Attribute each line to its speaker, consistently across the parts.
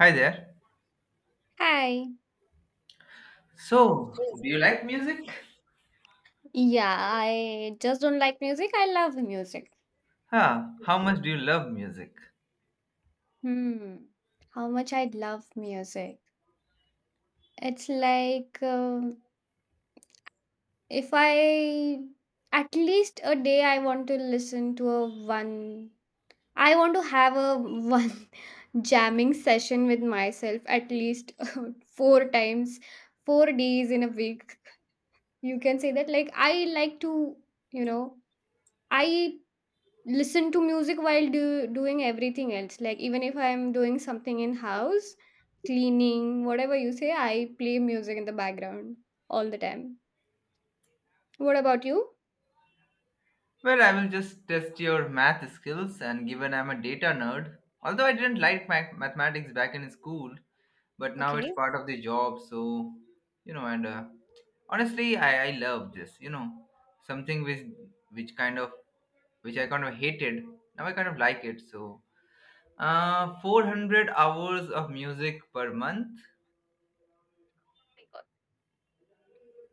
Speaker 1: Hi there.
Speaker 2: Hi.
Speaker 1: So, do you like music?
Speaker 2: Yeah, I just don't like music. I love music.
Speaker 1: Huh, how much do you love music?
Speaker 2: Hmm. How much I love music. It's like if I, at least a day, I want to listen to a one, I want to have a one, jamming session with myself at least 4 times, 4 days in a week. You can say that, like, I like to, you know, I listen to music while doing everything else, like, even if I'm doing something in house cleaning, whatever you say, I play music in the background all the time. What about you?
Speaker 1: Well, I will just test your math skills, and given I'm a data nerd, although I didn't like mathematics back in school, but now it's
Speaker 2: Okay. Oh
Speaker 1: part of the job, so, you know, and honestly, I love this, you know, something which kind of, which I kind of hated, now I kind of like it, so, 400 hours of music per month?
Speaker 2: my God,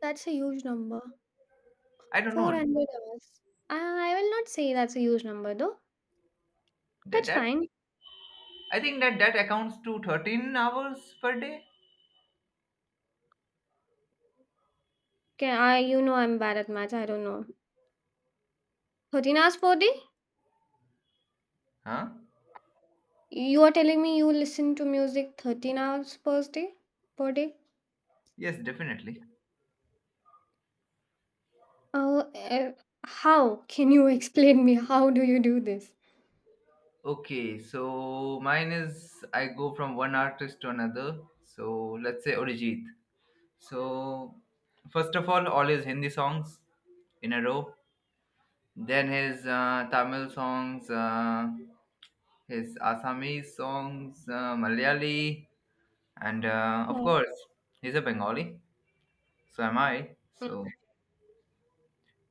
Speaker 2: that's a huge number.
Speaker 1: I don't know.
Speaker 2: 400 hours? I will not say that's a huge number, though.
Speaker 1: That,
Speaker 2: That's
Speaker 1: that
Speaker 2: fine.
Speaker 1: I think that that accounts to 13 hours per day.
Speaker 2: Okay, I you know I'm bad at math, I don't know. 13 hours per day?
Speaker 1: Huh?
Speaker 2: You are telling me you listen to music 13 hours per day, per day?
Speaker 1: Yes, definitely.
Speaker 2: Oh, how? Can you explain me? How do you do this?
Speaker 1: Okay, so mine is I go from one artist to another. So let's say Orijit. So first of all his Hindi songs in a row. Then his Tamil songs, his Assamese songs, Malayali, and of
Speaker 2: Oh,
Speaker 1: course he's a Bengali. So am I.
Speaker 2: mm,
Speaker 1: So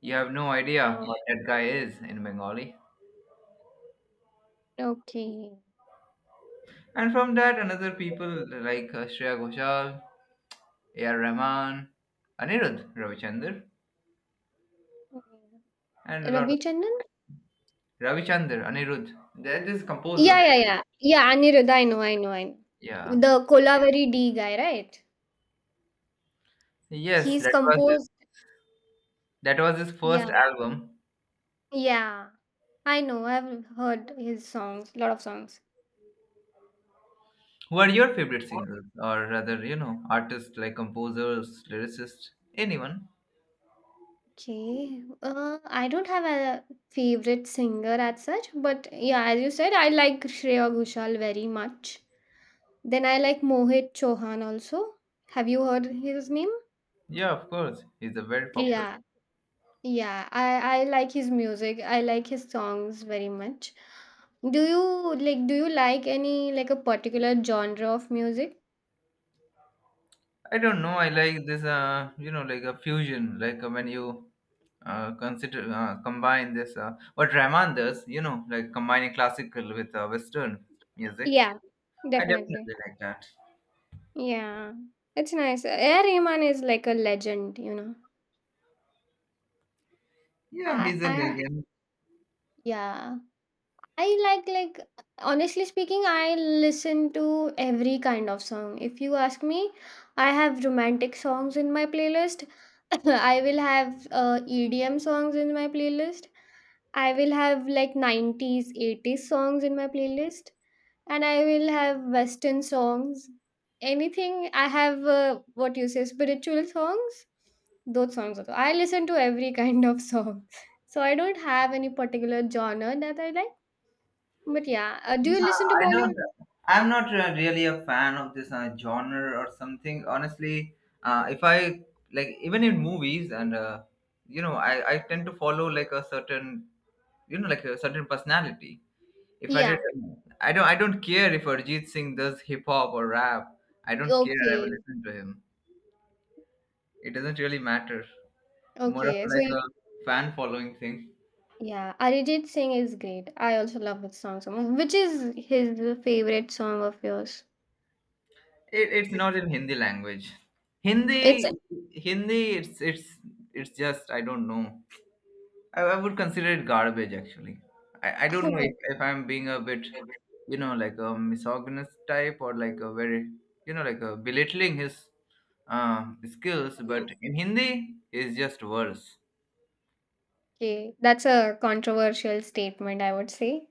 Speaker 1: you have no idea
Speaker 2: oh,
Speaker 1: what that guy is in Bengali.
Speaker 2: okay.
Speaker 1: And from that, another people like Shreya Ghoshal, A.R. Rahman, Anirudh Ravichandar, and a lot of
Speaker 2: Ravi Chandan?
Speaker 1: Ravichandar Anirudh. That is composer.
Speaker 2: Yeah, yeah, yeah. Yeah, Anirudh, I know, I know, I know.
Speaker 1: Yeah.
Speaker 2: The Kolavari D guy, right?
Speaker 1: Yes,
Speaker 2: He's composed.
Speaker 1: that was his first
Speaker 2: Yeah,
Speaker 1: album.
Speaker 2: yeah. I know. I've heard his songs, lot of songs.
Speaker 1: Who are your favorite singers, or rather, you know, artists like composers, lyricists, anyone?
Speaker 2: Okay. I don't have a favorite singer as such, but, yeah, as you said, I like Shreya Ghoshal very much. Then I like Mohit Chauhan also. Have you heard his name?
Speaker 1: Yeah, of course. He's a very popular.
Speaker 2: Yeah, yeah. I like his music. I like his songs very much. Do you like any, like, a particular genre of music?
Speaker 1: I don't know. I like this, you know, like a fusion, like when you consider combine this, what Rahman does, you know, like combining classical with Western music.
Speaker 2: Yeah,
Speaker 1: I
Speaker 2: definitely.
Speaker 1: definitely like that.
Speaker 2: Yeah. It's nice. A Rahman is like a legend, you know.
Speaker 1: Yeah,
Speaker 2: I
Speaker 1: he's a
Speaker 2: I
Speaker 1: legend.
Speaker 2: yeah. I, like, honestly speaking, I listen to every kind of song. If you ask me, I have romantic songs in my playlist. I will have EDM songs in my playlist. I will have like 90s, 80s songs in my playlist, and I will have Western songs. Anything I have, what you say, spiritual songs. Those songs also. I listen to every kind of song, so I don't have any particular genre that I like. But, yeah, do
Speaker 1: Yeah,
Speaker 2: you listen to, yeah,
Speaker 1: I
Speaker 2: Bollywood?
Speaker 1: don't. I'm not really a fan of this genre or something. Honestly, if I like, even in movies, and you know, I tend to follow like a certain, you know, like a certain personality. If I did,
Speaker 2: Yeah.
Speaker 1: I don't. I don't care if Arjit Singh does hip hop or rap. I don't care. I will
Speaker 2: Okay.
Speaker 1: listen to him. It doesn't really matter. More of
Speaker 2: Okay. So, y-
Speaker 1: like a fan following thing.
Speaker 2: yeah, Arijit Singh is great. I also love his song so much. Which is his favorite song of yours?
Speaker 1: It's not in Hindi language.
Speaker 2: It's,
Speaker 1: Hindi, Hindi. It's it's just I don't know. I would consider it garbage actually. I don't
Speaker 2: oh
Speaker 1: know
Speaker 2: my.
Speaker 1: if I'm being a bit, you know, like a misogynist type or like a very, you know, like a belittling his uh, skills. But in Hindi, it's just worse.
Speaker 2: Okay. That's a controversial statement, I would say.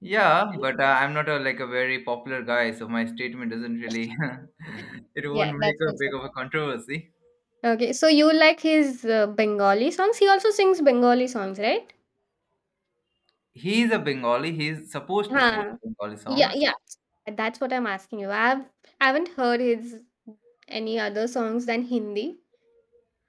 Speaker 1: Yeah, but I'm not a like a very popular guy, so my statement doesn't really. It won't
Speaker 2: Yeah,
Speaker 1: make
Speaker 2: that's
Speaker 1: a big
Speaker 2: also
Speaker 1: of a
Speaker 2: true.
Speaker 1: controversy.
Speaker 2: Okay, so you like his Bengali songs? He also sings Bengali songs, right?
Speaker 1: He is a Bengali. He is supposed to sing
Speaker 2: Huh.
Speaker 1: Bengali
Speaker 2: Yeah,
Speaker 1: songs.
Speaker 2: yeah. That's what I'm asking you. I haven't heard his any other songs than Hindi.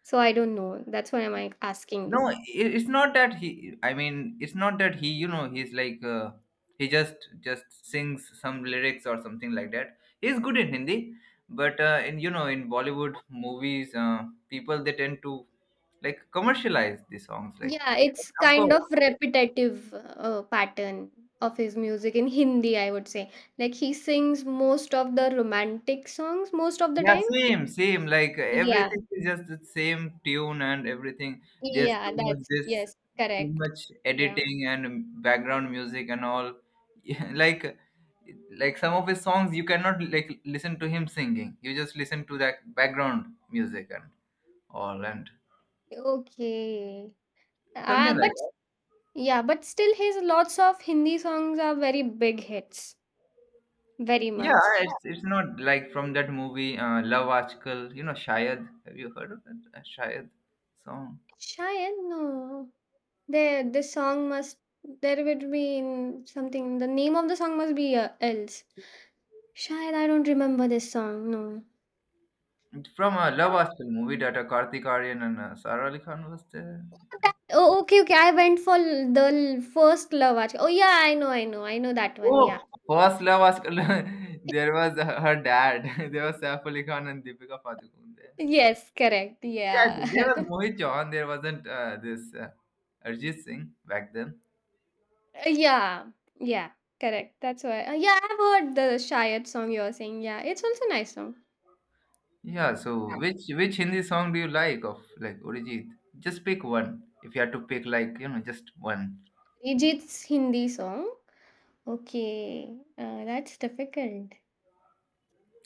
Speaker 2: So I don't know. That's why I'm like asking
Speaker 1: No,
Speaker 2: you.
Speaker 1: it's not that he. I mean, it's not that he. You know, he's like he just sings some lyrics or something like that. He's good in Hindi, but in you know in Bollywood movies, people they tend to like commercialize the songs. Like,
Speaker 2: Yeah, it's
Speaker 1: of
Speaker 2: kind
Speaker 1: course,
Speaker 2: of repetitive, pattern of his music in Hindi, I would say. Like he sings most of the romantic songs most of the
Speaker 1: yeah,
Speaker 2: time.
Speaker 1: same. Like
Speaker 2: Yeah,
Speaker 1: everything is just the same tune and everything. There's
Speaker 2: yeah, that's yes,
Speaker 1: too
Speaker 2: correct.
Speaker 1: much
Speaker 2: Yeah.
Speaker 1: editing and background music and all. Yeah, like some of his songs you cannot like listen to him singing. You just listen to that background music and all and
Speaker 2: Okay. Uh,
Speaker 1: something like
Speaker 2: but
Speaker 1: that.
Speaker 2: yeah, but still his lots of Hindi songs are very big hits. Very
Speaker 1: Yeah,
Speaker 2: much.
Speaker 1: it's not like from that movie Love Aajkal. You know, Shayad. Have you heard of that Shayad song?
Speaker 2: Shayad, no. There, this song must, there would be in something, the name of the song must be, else. Shayad, I don't remember this song. No.
Speaker 1: And from Love Actually movie that Kartik Aryan and Sara Ali Khan was there.
Speaker 2: That, oh, okay, okay. I went for the first love. Actually. Oh, yeah, I know, I know, I know that one.
Speaker 1: Oh,
Speaker 2: Yeah.
Speaker 1: First Love Actually, there was her dad. There was Saif Ali Khan and Deepika Padukone there.
Speaker 2: Yes, correct.
Speaker 1: Yeah,
Speaker 2: Yeah.
Speaker 1: there was Mohit Chauhan. There wasn't this Arjit Singh back then.
Speaker 2: yeah. Yeah. Correct. That's why. Yeah, I've heard the Shayad song you're saying. Yeah, it's also a nice song.
Speaker 1: Yeah. So which Hindi song do you like of like Arijit? Just pick one. If you had to pick like you know just one.
Speaker 2: Arijit's Hindi song. Okay. That's difficult.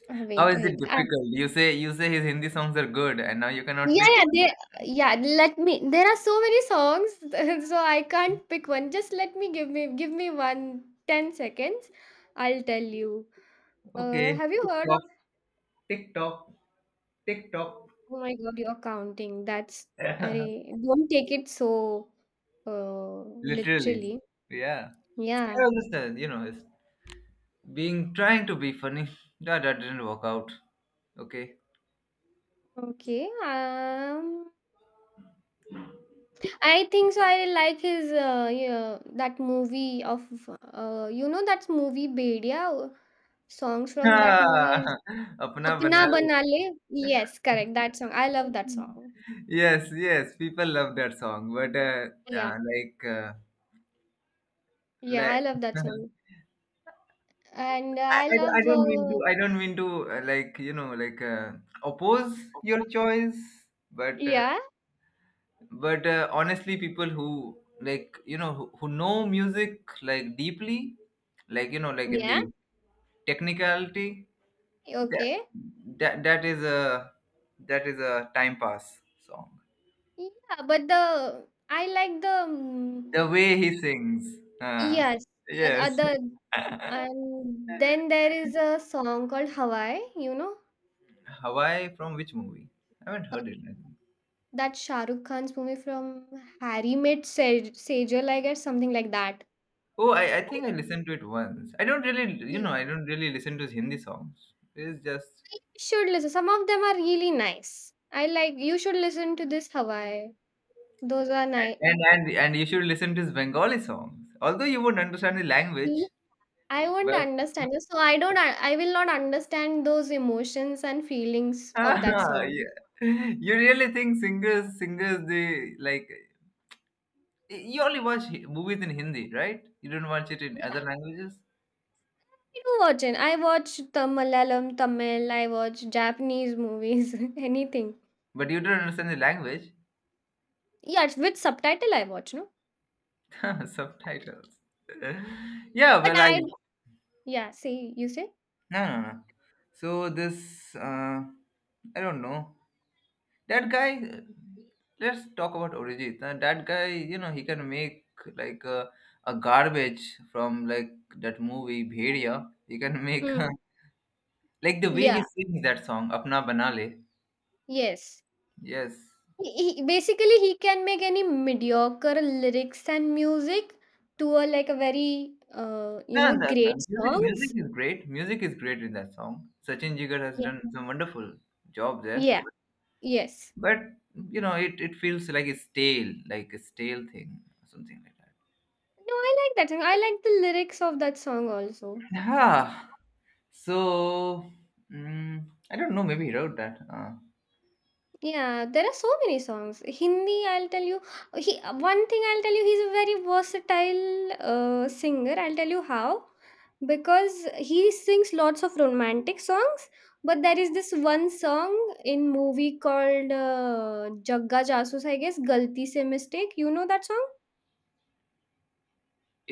Speaker 2: Uh,
Speaker 1: How
Speaker 2: wait,
Speaker 1: is it
Speaker 2: wait.
Speaker 1: difficult? You say his Hindi songs are good, and now you cannot
Speaker 2: Yeah,
Speaker 1: pick
Speaker 2: yeah,
Speaker 1: one.
Speaker 2: they, yeah. Let me. There are so many songs, so I can't pick one. Just let me give me one 10 seconds. I'll tell you.
Speaker 1: Okay.
Speaker 2: Have you
Speaker 1: TikTok
Speaker 2: heard
Speaker 1: TikTok.
Speaker 2: of?
Speaker 1: TikTok.
Speaker 2: Oh my God, you're counting. That's. Arey, don't take it so,
Speaker 1: Literally.
Speaker 2: literally.
Speaker 1: Yeah.
Speaker 2: Yeah.
Speaker 1: I understand, you know, it's being trying to be funny. That, didn't work out. Okay.
Speaker 2: Okay. I think so. I like his, yeah, that movie of, you know, that movie Bedia. Songs from that
Speaker 1: Ah,
Speaker 2: movie
Speaker 1: Apna bana
Speaker 2: 'Apna
Speaker 1: lo.
Speaker 2: Banale', yes, correct, that song. I love that song.
Speaker 1: Yes, yes, people love that song, but
Speaker 2: Yeah,
Speaker 1: uh, like, uh,
Speaker 2: yeah,
Speaker 1: like,
Speaker 2: I love that song. And
Speaker 1: I,
Speaker 2: I
Speaker 1: I, don't- I
Speaker 2: love,
Speaker 1: don't mean to, I don't mean to, like, you know, like, oppose your choice, but uh,
Speaker 2: yeah,
Speaker 1: but honestly people who like you know who know music like deeply like you know like in
Speaker 2: yeah,
Speaker 1: the technicality that
Speaker 2: okay.
Speaker 1: that is a that is a time pass song
Speaker 2: Yeah, but the I like the,
Speaker 1: the way he sings uh,
Speaker 2: yes,
Speaker 1: yes
Speaker 2: other, and then there is a song called Hawaii. You know?
Speaker 1: Hawaii from which movie I haven't
Speaker 2: Uh
Speaker 1: heard it I think.
Speaker 2: That Shah Rukh Khan's movie from Harry Met Saj Sejal, I guess, something like that.
Speaker 1: Oh, I think I listened to it once I don't really you know I don't really listen to his Hindi songs it's just.
Speaker 2: You should listen. Some of them are really nice. I like You should listen to this Hawaii. Those are nice.
Speaker 1: And and you should listen to his Bengali songs. Although you wouldn't understand the language,
Speaker 2: I won't
Speaker 1: but
Speaker 2: understand it, so I don't. I will not understand those emotions and feelings
Speaker 1: ah,
Speaker 2: of that song.
Speaker 1: yeah. You really think singers they like you only watch movies in Hindi, right? You don't watch it in other
Speaker 2: Yeah,
Speaker 1: languages,
Speaker 2: I do watch it. I watch the Malayalam, Tamil. I watch Japanese movies. Anything.
Speaker 1: but you don't understand the language.
Speaker 2: Yeah, it's with subtitle I watch. No,
Speaker 1: Subtitles. Yeah,
Speaker 2: but
Speaker 1: well I
Speaker 2: I. Yeah, see, you say.
Speaker 1: no. So this I don't know. That guy, let's talk about Orijit. That guy, you know, he can make like a garbage from like that movie Bhediya. He can make
Speaker 2: Mm.
Speaker 1: like the way
Speaker 2: Yeah.
Speaker 1: he sings that song, Apna Banale.
Speaker 2: Yes.
Speaker 1: Yes.
Speaker 2: He basically he can make any mediocre lyrics and music to a, like, a very,
Speaker 1: No, no, no.
Speaker 2: great
Speaker 1: Music
Speaker 2: songs.
Speaker 1: is great. Music is great in that song. Sachin Jigar has
Speaker 2: Yeah.
Speaker 1: done some wonderful job there.
Speaker 2: Yeah. Yes.
Speaker 1: But you know, it feels like a stale thing, something like that.
Speaker 2: No, I like that song. I like the lyrics of that song also.
Speaker 1: Yeah. So mm, I don't know. Maybe he wrote that.
Speaker 2: Yeah, there are so many songs. Hindi, I'll tell you. He, one thing I'll tell you. He's a very versatile, singer. I'll tell you how, because he sings lots of romantic songs. But there is this one song in movie called, Jagga Jasus, I guess. Galti se mistake. You know that song?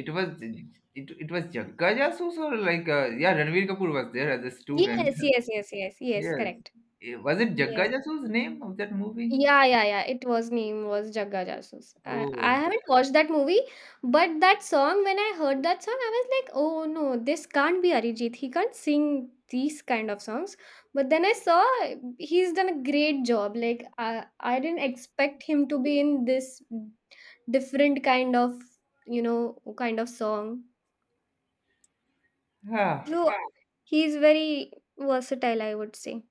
Speaker 1: It was it, it was Jagga Jasus or like yeah, Ranveer Kapoor was there as a student.
Speaker 2: Yes, yes, yes, yes, yes,
Speaker 1: Yes,
Speaker 2: correct.
Speaker 1: eh, was it Jagga
Speaker 2: Yes.
Speaker 1: Jasus name of that movie?
Speaker 2: Yeah, yeah, yeah. It was, name was Jagga Jasus. I
Speaker 1: Oh,
Speaker 2: haven't watched that movie, but that song, when I heard that song, I was like, oh no, this can't be Arijit. He can't sing these kind of songs. But then I saw he's done a great job. Like, I didn't expect him to be in this different kind of, kind of song.
Speaker 1: yeah.
Speaker 2: So, yeah, he's very versatile, I would say.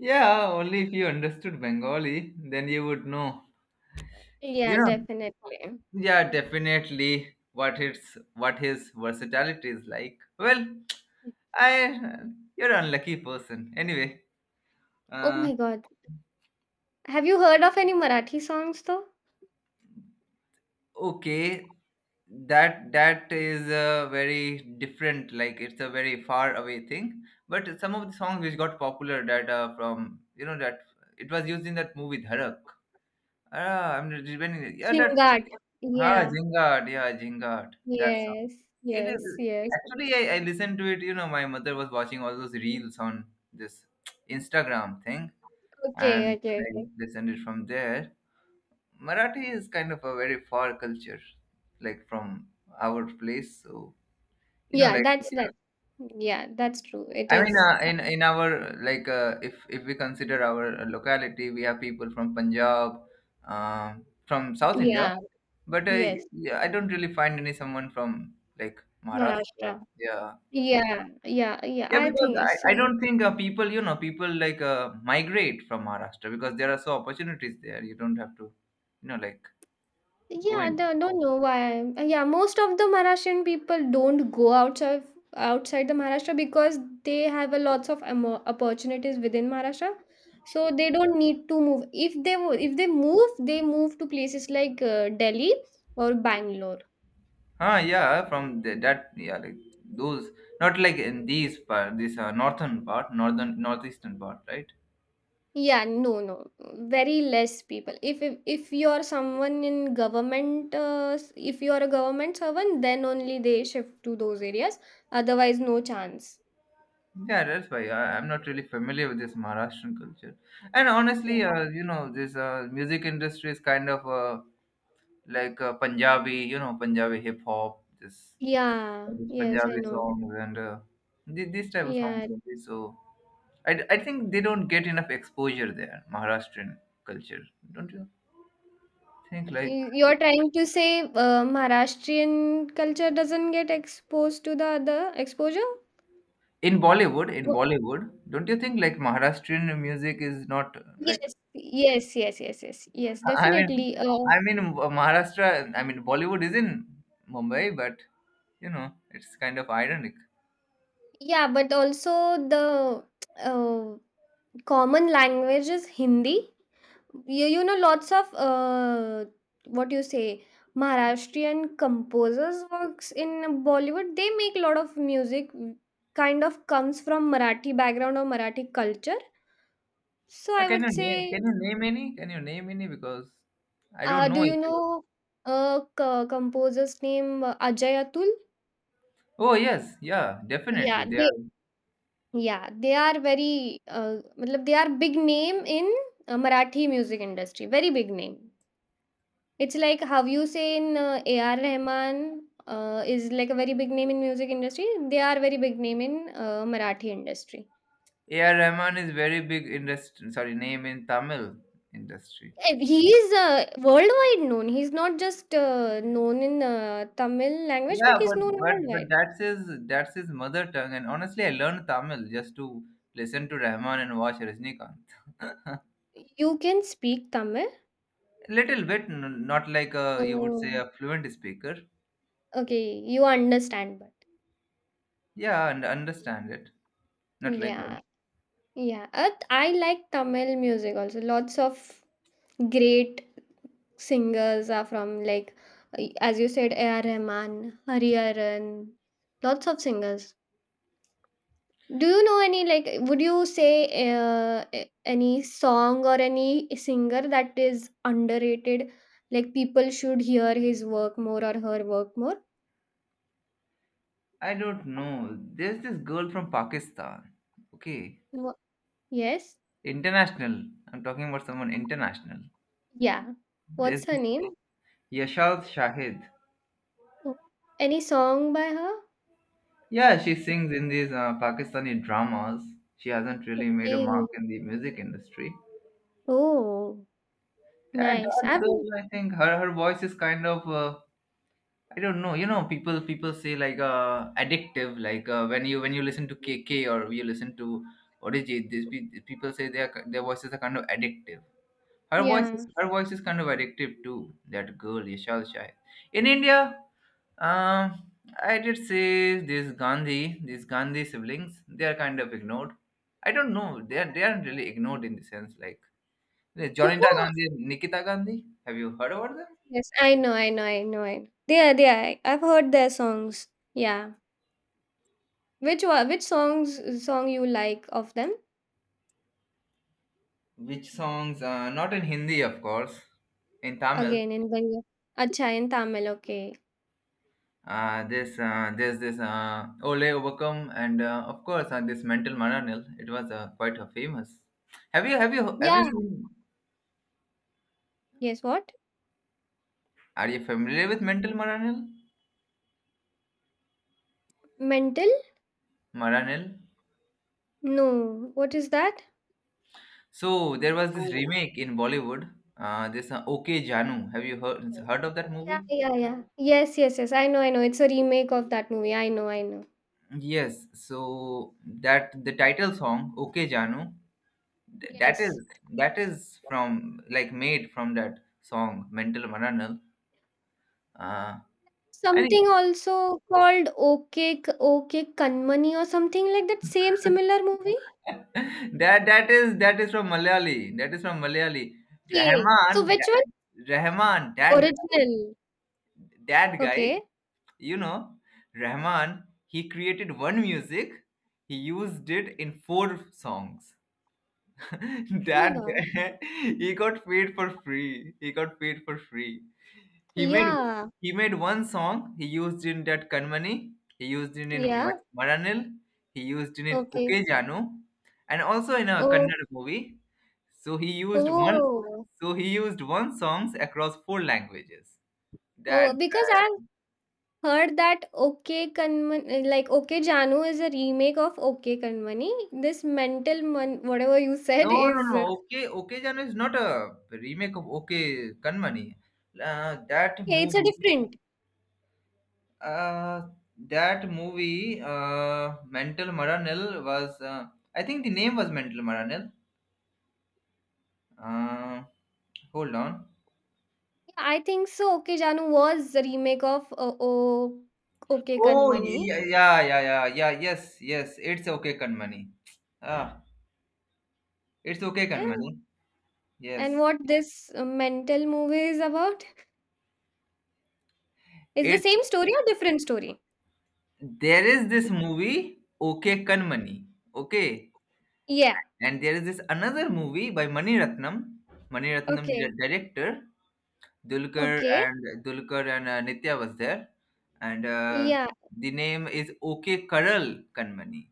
Speaker 1: Yeah, only if you understood Bengali, then you would know. You
Speaker 2: Yeah,
Speaker 1: know,
Speaker 2: definitely.
Speaker 1: yeah, definitely what it's what his versatility is like. Well, I, you're an unlucky person. Anyway,
Speaker 2: Oh
Speaker 1: uh,
Speaker 2: my God. Have you heard of any Marathi songs though?
Speaker 1: okay, that that is a very different. Like it's a very far away thing. But some of the songs which got popular that are from you know that it was used in that movie Dharak. Ah, I'm remembering. Yeah, that.
Speaker 2: Chungat.
Speaker 1: Ah,
Speaker 2: Yeah.
Speaker 1: Jingat. Yeah, Jingat. That song.
Speaker 2: Yes.
Speaker 1: It is
Speaker 2: Yes. Yes.
Speaker 1: actually I listened to it. You know, my mother was watching all those reels on this Instagram thing,
Speaker 2: Okay.
Speaker 1: and
Speaker 2: Okay.
Speaker 1: I
Speaker 2: Okay.
Speaker 1: listened it from there. Marathi is kind of a very far culture, like from our place. So you know,
Speaker 2: Yeah.
Speaker 1: like
Speaker 2: That's, yeah, that. Yeah. That's true. It
Speaker 1: I mean,
Speaker 2: is.
Speaker 1: in our like if we consider our locality, we have people from Punjab, from South India,
Speaker 2: Yeah.
Speaker 1: but
Speaker 2: Yes.
Speaker 1: yeah, I don't really find any someone from like Maharashtra.
Speaker 2: Maharashtra.
Speaker 1: Yeah.
Speaker 2: Yeah. Yeah. Yeah.
Speaker 1: Yeah,
Speaker 2: I
Speaker 1: because
Speaker 2: think.
Speaker 1: I
Speaker 2: See.
Speaker 1: don't think people, you know, people like migrate from Maharashtra because there are so opportunities there. You don't have to, you know, like go
Speaker 2: Yeah,
Speaker 1: in.
Speaker 2: don't know why. Yeah most of the Maharashtrian people don't go outside the Maharashtra, because they have a lots of opportunities within Maharashtra. So they don't need to move. If they move, they move to places like, Delhi or Bangalore.
Speaker 1: Ah, yeah, from the, that, yeah, like those, not like in these part, this northern part, northern, northeastern part, right?
Speaker 2: Yeah, no, no, very less people. If you're someone in government, if you're a government servant, then only they shift to those areas. Otherwise, no chance.
Speaker 1: Yeah, that's why I'm not really familiar with this Maharashtrian culture. And honestly,
Speaker 2: Yeah.
Speaker 1: you know, this music industry is kind of like Punjabi, you know, Punjabi hip hop, this,
Speaker 2: Yeah.
Speaker 1: this
Speaker 2: Yes, I
Speaker 1: Punjabi
Speaker 2: know.
Speaker 1: songs and these type of songs.
Speaker 2: Yeah.
Speaker 1: Only. So I think they don't get enough exposure there, Maharashtrian culture, don't you think? Like,
Speaker 2: You're trying to say, Maharashtrian culture doesn't get exposed to the other exposure?
Speaker 1: in Bollywood, in
Speaker 2: Oh,
Speaker 1: Bollywood, don't you think like Maharashtrian music is not like
Speaker 2: yes. Yes, yes, yes, yes. Yes,
Speaker 1: I mean,
Speaker 2: definitely. Uh,
Speaker 1: I mean Maharashtra. I mean Bollywood is in Mumbai, but you know it's kind of ironic.
Speaker 2: yeah, but also the uh, common language is Hindi. Lots of, what do you say, Maharashtrian composers works in Bollywood. They make a lot of music, kind of comes from Marathi background or Marathi culture. So I
Speaker 1: Can
Speaker 2: would
Speaker 1: you name?
Speaker 2: say,
Speaker 1: Can you name any? Can you name any? Because I don't
Speaker 2: do
Speaker 1: know. If
Speaker 2: you
Speaker 1: you-
Speaker 2: know a composer's name, Ajay Atul?
Speaker 1: oh yes, yeah, definitely.
Speaker 2: Yeah,
Speaker 1: They
Speaker 2: they
Speaker 1: are.
Speaker 2: yeah they are very, मतलब they are big name in, Marathi music industry. Very big name. It's like how you say in, A.R. Rahman, is like a very big name in music industry. They are very big name in, Marathi industry.
Speaker 1: A.R. Rahman is very big industry. Sorry, name in Tamil industry.
Speaker 2: He is, worldwide known. He's not just, known in, Tamil language, but
Speaker 1: Yeah,
Speaker 2: he's known
Speaker 1: but
Speaker 2: worldwide.
Speaker 1: that's his mother tongue, and honestly, I learned Tamil just to listen to Rahman and watch Rajnikant.
Speaker 2: You can speak Tamil.
Speaker 1: Little bit, not like a you would say
Speaker 2: Oh,
Speaker 1: a fluent speaker.
Speaker 2: okay, you understand, but,
Speaker 1: Yeah, and understand it. Not like a.
Speaker 2: yeah, yeah. I like Tamil music also. Lots of great singers are from, like, as you said, A.R. Rahman, Hariharan, lots of singers. Do you know any, like, would you say, any song or any singer that is underrated, like, people should hear his work more or her work more?
Speaker 1: I don't know. There's this girl from Pakistan. Okay,
Speaker 2: Wha- Yes.
Speaker 1: international. I'm talking about someone international.
Speaker 2: Yeah.
Speaker 1: There's
Speaker 2: What's her
Speaker 1: this
Speaker 2: name?
Speaker 1: Yashal Shahid.
Speaker 2: Oh, any song by her?
Speaker 1: Yeah, she sings in these Pakistani dramas. She hasn't really made a
Speaker 2: Hey.
Speaker 1: mark in the music industry.
Speaker 2: Oh,
Speaker 1: Yeah,
Speaker 2: nice.
Speaker 1: Dark
Speaker 2: I've
Speaker 1: Girl, I think her her voice is kind of I don't know. You know, people say like addictive. Like when you listen to KK or you listen to Orijit, these people say their voices are kind of addictive.
Speaker 2: Yeah.
Speaker 1: Her voice is kind of addictive too. That girl, Yashal Shai. In India, um, I did say these Gandhi siblings, they are kind of ignored. I don't know. They are they aren't really ignored in the sense like yeah,
Speaker 2: Who?
Speaker 1: Gandhi Nikita Gandhi. Have you heard about them?
Speaker 2: Yes, I know, I know, I know, I know. They are, they are. I've heard their songs. Yeah. Which one? Which song you like of them?
Speaker 1: Which songs? Not in Hindi, of course. In Tamil,
Speaker 2: Again in Bengali. Acha, in Tamil. Okay.
Speaker 1: this there's this Ole Overcome, and of course, this Mental Mananil. It was quite famous. Have you
Speaker 2: Yeah.
Speaker 1: seen?
Speaker 2: Yes. What?
Speaker 1: Are you familiar with Mental Mananil?
Speaker 2: Mental?
Speaker 1: Maranil.
Speaker 2: No. What is that?
Speaker 1: So there was this remake in Bollywood. This OK Janu. Have you heard of that
Speaker 2: Yeah,
Speaker 1: movie?
Speaker 2: yeah, yeah. Yes, yes, yes. I know, I know. It's a remake of that movie. I know, I know.
Speaker 1: Yes. So that the title song OK Janu, Th- that is
Speaker 2: Yes.
Speaker 1: that is from, like, made from that song mental maranal, uh and
Speaker 2: Something also called, Okay, Okay Kanmani, or something like that. Same similar movie.
Speaker 1: that is from Malayali,
Speaker 2: Okay.
Speaker 1: rahman
Speaker 2: So which one?
Speaker 1: that guy
Speaker 2: Original.
Speaker 1: that guy
Speaker 2: Okay.
Speaker 1: you know, Rahman, he created one music, he used it in four songs.
Speaker 2: Oh my
Speaker 1: That
Speaker 2: God.
Speaker 1: guy, he got paid for free. He made
Speaker 2: Yeah.
Speaker 1: he made one song. He used in that Kanmani. He used it in
Speaker 2: Yeah.
Speaker 1: Maranil. He used it in Okay
Speaker 2: Okay.
Speaker 1: Janu, and also in a
Speaker 2: Oh,
Speaker 1: Kannada movie. So he used one.
Speaker 2: oh,
Speaker 1: So he used one songs across four languages. That
Speaker 2: oh, because I've
Speaker 1: guy.
Speaker 2: heard that OK Kanmani, like OK Janu is a remake of OK Kanmani. This mental man, whatever you
Speaker 1: No,
Speaker 2: said
Speaker 1: no,
Speaker 2: is,
Speaker 1: no. Okay, Okay Janu is not a remake of Okay Kanmani. That
Speaker 2: yeah, it's a
Speaker 1: movie.
Speaker 2: different.
Speaker 1: Uh, that movie, Mental Maranil was. I think the name was Mental Maranil. Uh, Hold on.
Speaker 2: Yeah, I think so. OK Janu was the remake of, oh, OK
Speaker 1: Oh,
Speaker 2: Kanmani.
Speaker 1: yeah, yeah, yeah, yeah, yeah. Yes, yes. It's okay, Kanmani. Ah, it's okay,
Speaker 2: Yeah.
Speaker 1: Kanmani.
Speaker 2: And
Speaker 1: Yes,
Speaker 2: what this, mental movie is about? Is the
Speaker 1: it's
Speaker 2: same story or different story?
Speaker 1: there is this movie, Okay, Kanmani. Okay,
Speaker 2: Yeah.
Speaker 1: and there is this another movie by Mani Ratnam. Mani Ratnam, the
Speaker 2: Okay.
Speaker 1: director, Dulkar
Speaker 2: Okay.
Speaker 1: and Dulkar and Nitya was there, and
Speaker 2: Yeah.
Speaker 1: the name is Okay Karal Kanmani.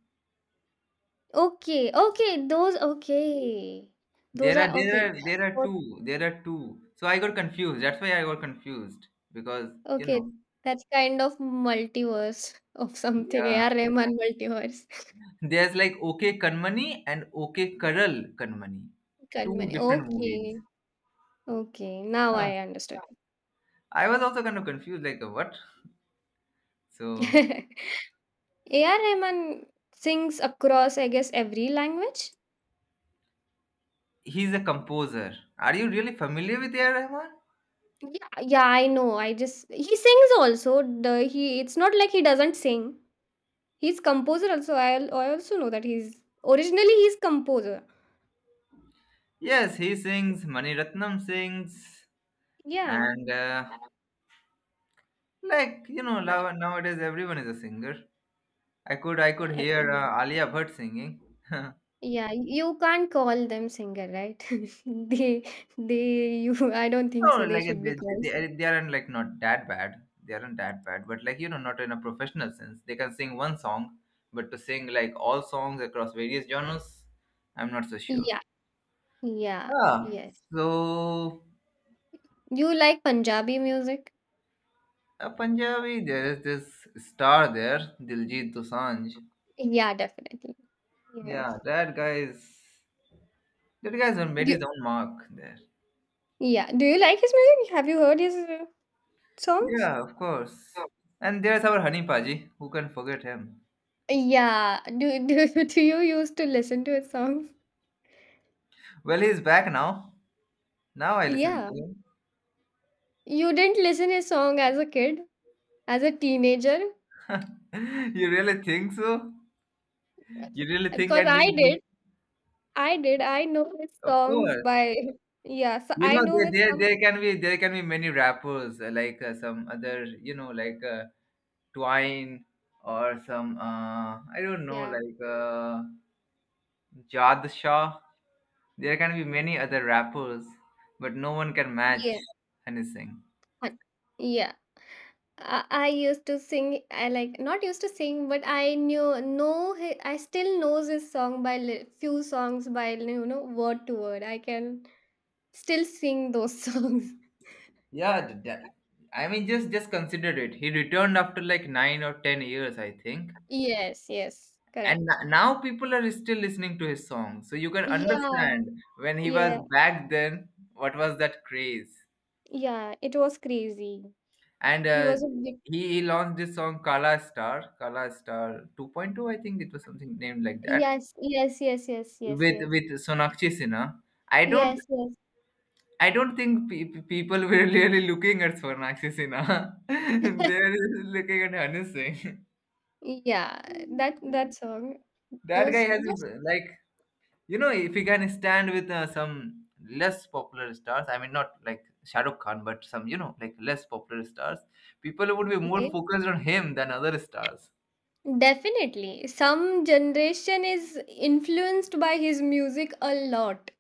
Speaker 2: Okay, okay.
Speaker 1: There
Speaker 2: Those
Speaker 1: are
Speaker 2: are okay.
Speaker 1: there are
Speaker 2: Yeah.
Speaker 1: there are
Speaker 2: Both-
Speaker 1: two. There are two. So I got confused. That's why I got confused, because you
Speaker 2: Okay,
Speaker 1: know,
Speaker 2: that's kind of multiverse of something.
Speaker 1: yeah.
Speaker 2: A.R. Rahman multiverse.
Speaker 1: There's like OK Kanmani and OK Karal Kanmani, two
Speaker 2: Kanmani.
Speaker 1: different movies.
Speaker 2: Okay, okay. Now
Speaker 1: Huh.
Speaker 2: I understood.
Speaker 1: I was also kind of confused, like, what? So
Speaker 2: Yeah. A.R. Rahman sings across, I guess, every language.
Speaker 1: he's a composer. Are you really familiar with A.R. Rahman?
Speaker 2: Yeah, yeah, I know. I just He sings also. The he it's not like he doesn't sing. He's composer also. I also know that he's originally he's composer.
Speaker 1: Yes, he sings. Mani Ratnam sings,
Speaker 2: Yeah.
Speaker 1: and like, you know, now nowadays everyone is a singer. I could hear
Speaker 2: Yeah.
Speaker 1: Alia Bhatt singing.
Speaker 2: Yeah, you can't call them singer, right? They they you I don't think
Speaker 1: No,
Speaker 2: so they
Speaker 1: like,
Speaker 2: should be
Speaker 1: they,
Speaker 2: called.
Speaker 1: they, they aren't, like, not that bad. They aren't that bad, but, like, you know, not in a professional sense. They can sing one song, but to sing like all songs across various genres, I'm not so sure.
Speaker 2: Yeah, yeah,
Speaker 1: Ah,
Speaker 2: yes.
Speaker 1: so
Speaker 2: You like Punjabi music?
Speaker 1: a Punjabi, there is this star there, Diljit Dosanjh.
Speaker 2: Yeah, definitely.
Speaker 1: Yeah,
Speaker 2: Yes.
Speaker 1: that guy's made
Speaker 2: Do,
Speaker 1: his own mark there.
Speaker 2: yeah. Do you like his music? Have you heard his songs?
Speaker 1: Yeah, of course. And there's our Honey Paji, who can forget him?
Speaker 2: Yeah. Do do you used to listen to his songs?
Speaker 1: Well, he's back now. Now I listen
Speaker 2: Yeah.
Speaker 1: to him.
Speaker 2: You didn't listen his song as a kid, as a teenager?
Speaker 1: You really think so? You really think I
Speaker 2: Because I
Speaker 1: didn't?
Speaker 2: did. I did. I know his
Speaker 1: Of
Speaker 2: songs
Speaker 1: course.
Speaker 2: by yeah. So
Speaker 1: You
Speaker 2: I
Speaker 1: know,
Speaker 2: know his some
Speaker 1: there can be many rappers, like, some other, like, Twine, or some, I don't know,
Speaker 2: yeah
Speaker 1: like, Jad Shah. There can be many other rappers, but no one can match
Speaker 2: yeah
Speaker 1: Honey Singh.
Speaker 2: hun- yeah. I used to sing. I like not used to sing, but I knew know. I still knows his song by few songs by you know word to word. I can still sing those songs.
Speaker 1: Yeah, I mean, just consider it. He returned after like 9 or 10 years, I think.
Speaker 2: Yes, yes,
Speaker 1: And
Speaker 2: correct.
Speaker 1: now people are still listening to his song, so you can
Speaker 2: Yeah,
Speaker 1: understand when he was
Speaker 2: yeah,
Speaker 1: back then what was that craze.
Speaker 2: yeah. It was crazy.
Speaker 1: And
Speaker 2: He was a big
Speaker 1: he launched this song, Kala Star 2.2, I think it was something named like that,
Speaker 2: yes, yes, yes, yes, yes,
Speaker 1: with
Speaker 2: yes,
Speaker 1: Sonakshi Sinha. i don't
Speaker 2: yes, yes.
Speaker 1: i don't think people were really looking at Sonakshi Sinha. They're looking at Hanu Singh.
Speaker 2: Yeah, that song,
Speaker 1: That guy
Speaker 2: those
Speaker 1: has his,
Speaker 2: those
Speaker 1: like, you know, if you can stand with some less popular stars, I mean, not like Shah Rukh Khan, but some, you know, like, less popular stars, people would be more
Speaker 2: okay.
Speaker 1: focused on him than other stars.
Speaker 2: Definitely, some generation is influenced by his music a lot.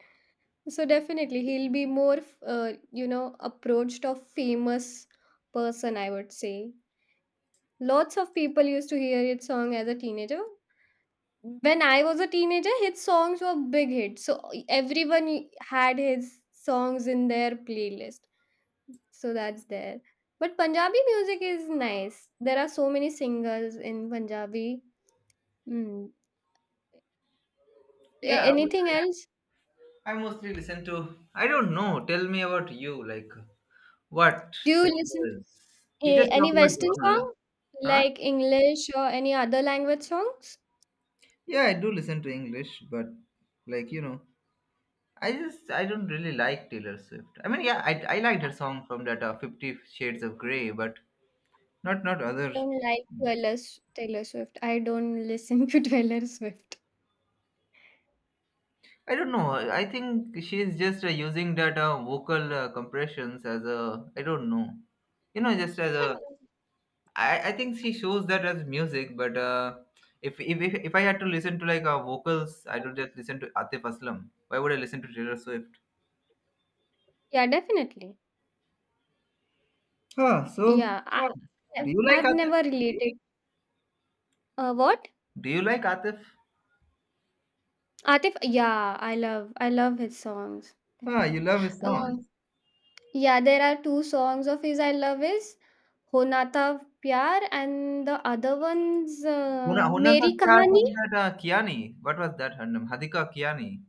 Speaker 2: So definitely, he'll be more, you know, approached of famous person. I would say lots of people used to hear his song as a teenager. When I was a teenager, his songs were big hits. So everyone had his songs in their playlist. So that's there. But Punjabi music is nice. There are so many singers in Punjabi. Mm.
Speaker 1: Yeah, I would
Speaker 2: Anything
Speaker 1: say,
Speaker 2: else?
Speaker 1: I mostly listen to, I don't know, tell me about you, like, what
Speaker 2: Do you listen
Speaker 1: singers? You just talk
Speaker 2: any
Speaker 1: about
Speaker 2: Western
Speaker 1: genre.
Speaker 2: song
Speaker 1: Huh?
Speaker 2: like English or any other language songs?
Speaker 1: Yeah, I do listen to English, but, like, you know, I don't really like Taylor Swift. I mean, yeah, I liked her song from that Fifty Shades of Grey, but not other.
Speaker 2: I don't like Taylor Swift. I don't listen to Taylor Swift.
Speaker 1: I don't know. I think she's just using that vocal compressions as a. I don't know. You know, just as a.
Speaker 2: Hello.
Speaker 1: I think she shows that as music, but if I had to listen to, like, vocals, I would just listen to Atif Aslam. Why would I listen to Taylor Swift?
Speaker 2: Yeah, definitely.
Speaker 1: Huh, so
Speaker 2: Yeah, I've
Speaker 1: do you like Atif?
Speaker 2: never related. What?
Speaker 1: Do you like Atif?
Speaker 2: Atif? Yeah, I love his songs.
Speaker 1: Huh, you love his
Speaker 2: Uh,
Speaker 1: songs.
Speaker 2: Yeah, there are two songs of his I love is Honata Pyar and the other one's
Speaker 1: Hona Hona Sa
Speaker 2: Meri
Speaker 1: Kya
Speaker 2: Kahani.
Speaker 1: song, that Kiani? What was that her name? Hadika Kiani.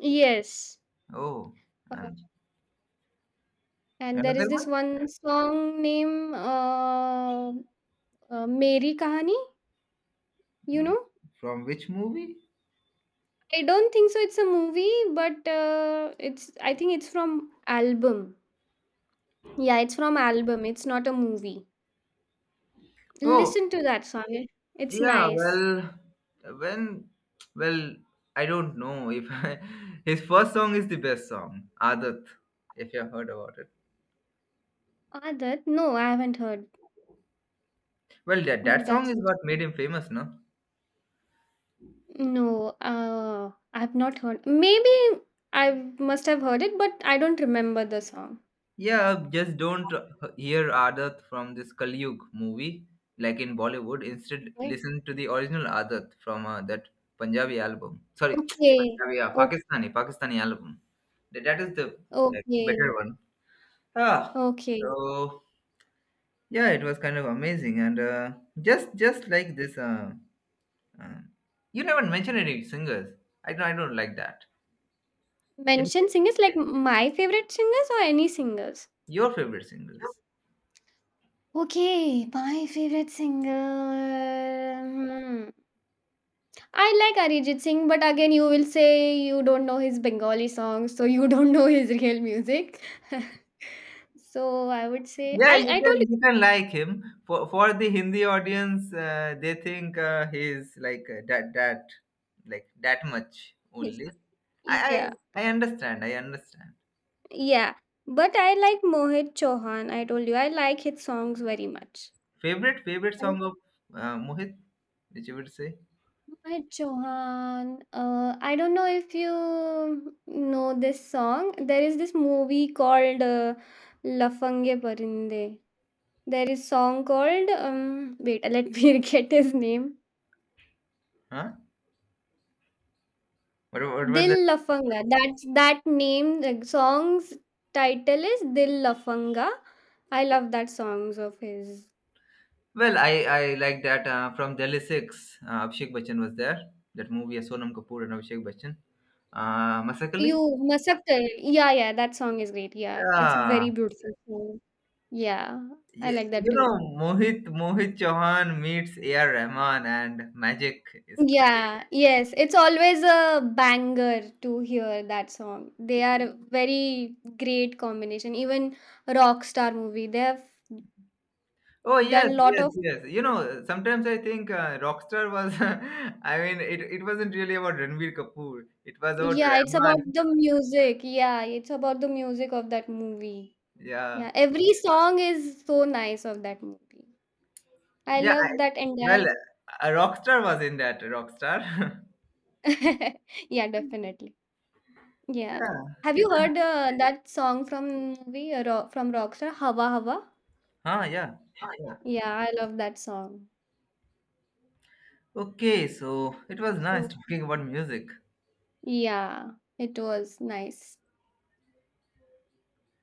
Speaker 2: Yes.
Speaker 1: Oh,
Speaker 2: Uh,
Speaker 1: and
Speaker 2: and there is
Speaker 1: another
Speaker 2: this
Speaker 1: one.
Speaker 2: one song name Meri Kahani, you
Speaker 1: Hmm.
Speaker 2: know?
Speaker 1: From which movie?
Speaker 2: I don't think so it's a movie, but it's I think it's from album. Yeah, it's from album. It's not a movie.
Speaker 1: Oh,
Speaker 2: Listen to that song. It's
Speaker 1: yeah,
Speaker 2: nice.
Speaker 1: well, when, well, I don't know if I, his first song is the best song, Adat, if you have heard about it.
Speaker 2: Adat? No, I haven't heard.
Speaker 1: Well, that,
Speaker 2: Oh,
Speaker 1: that song
Speaker 2: that's
Speaker 1: is what made him famous, no?
Speaker 2: no, I've not heard. Maybe I must have heard it, but I don't remember the song.
Speaker 1: Yeah, just don't hear Adat from this Kaliyug movie, like, in Bollywood. Instead,
Speaker 2: Right.
Speaker 1: listen to the original Adat from that Punjabi album. Sorry,
Speaker 2: Okay.
Speaker 1: Punjabi, yeah,
Speaker 2: Okay.
Speaker 1: Pakistani album. That is the better
Speaker 2: Okay.
Speaker 1: one. Ah,
Speaker 2: Okay.
Speaker 1: so, yeah, it was kind of amazing, and just like this, uh, you never mention any singers. I don't like that. In,
Speaker 2: Mention singers like my favorite singers or any singers?
Speaker 1: your favorite singers?
Speaker 2: Okay, my favorite singer. Hmm. I like Arijit Singh, but again, you will say you don't know his Bengali songs, so you don't know his real music. So I would say
Speaker 1: Yeah,
Speaker 2: I
Speaker 1: you
Speaker 2: I told
Speaker 1: can you can like him for the Hindi audience. They think he's like, that, like, that much
Speaker 2: you.
Speaker 1: only. I,
Speaker 2: This.
Speaker 1: I understand. I understand.
Speaker 2: Yeah, but I like Mohit Chauhan. I told you I like his songs very much.
Speaker 1: Favorite
Speaker 2: I mean,
Speaker 1: song of Mohit, which you would say?
Speaker 2: Mohit Chauhan. I don't know if you know this song. There is this movie called Lafange Parinde. There is song called Wait, let me get his name.
Speaker 1: Huh? What was the,
Speaker 2: Dil Lafanga. That's that name. The song's title is Dil Lafanga. I love that songs of his.
Speaker 1: well, I like that, from Delhi Six. Abhishek Bachchan was there. That movie, Sonam Kapoor and Abhishek Bachchan. Masakali.
Speaker 2: You Masakte. Yeah, yeah, that song is great. Yeah, it's a
Speaker 1: Yeah.
Speaker 2: very beautiful song. Yeah, I like that
Speaker 1: You know,
Speaker 2: too.
Speaker 1: Mohit Chauhan meets A.R. Rahman, and magic is cre-
Speaker 2: Yeah, yes, it's always a banger to hear that song. They are a very great combination. Even Rockstar movie, they have
Speaker 1: Oh, yes,
Speaker 2: done lot
Speaker 1: yes,
Speaker 2: of.
Speaker 1: yes. You know, sometimes I think Rockstar was, I mean, it wasn't really about Ranbir Kapoor. It was about
Speaker 2: Yeah, it's about
Speaker 1: Rahman.
Speaker 2: the music. Yeah, it's about the music of that movie.
Speaker 1: Yeah,
Speaker 2: Yeah, every song is so nice of that movie. I
Speaker 1: yeah.
Speaker 2: love that
Speaker 1: Well,
Speaker 2: entire.
Speaker 1: Rockstar was in that Rockstar.
Speaker 2: Yeah, definitely. Yeah. Have
Speaker 1: Yeah.
Speaker 2: you heard that song from movie from Rockstar Hawa Hawa?
Speaker 1: Yeah, of course.
Speaker 2: Yeah, I love that song.
Speaker 1: Okay, so it was nice
Speaker 2: So
Speaker 1: talking about music.
Speaker 2: yeah, it was nice.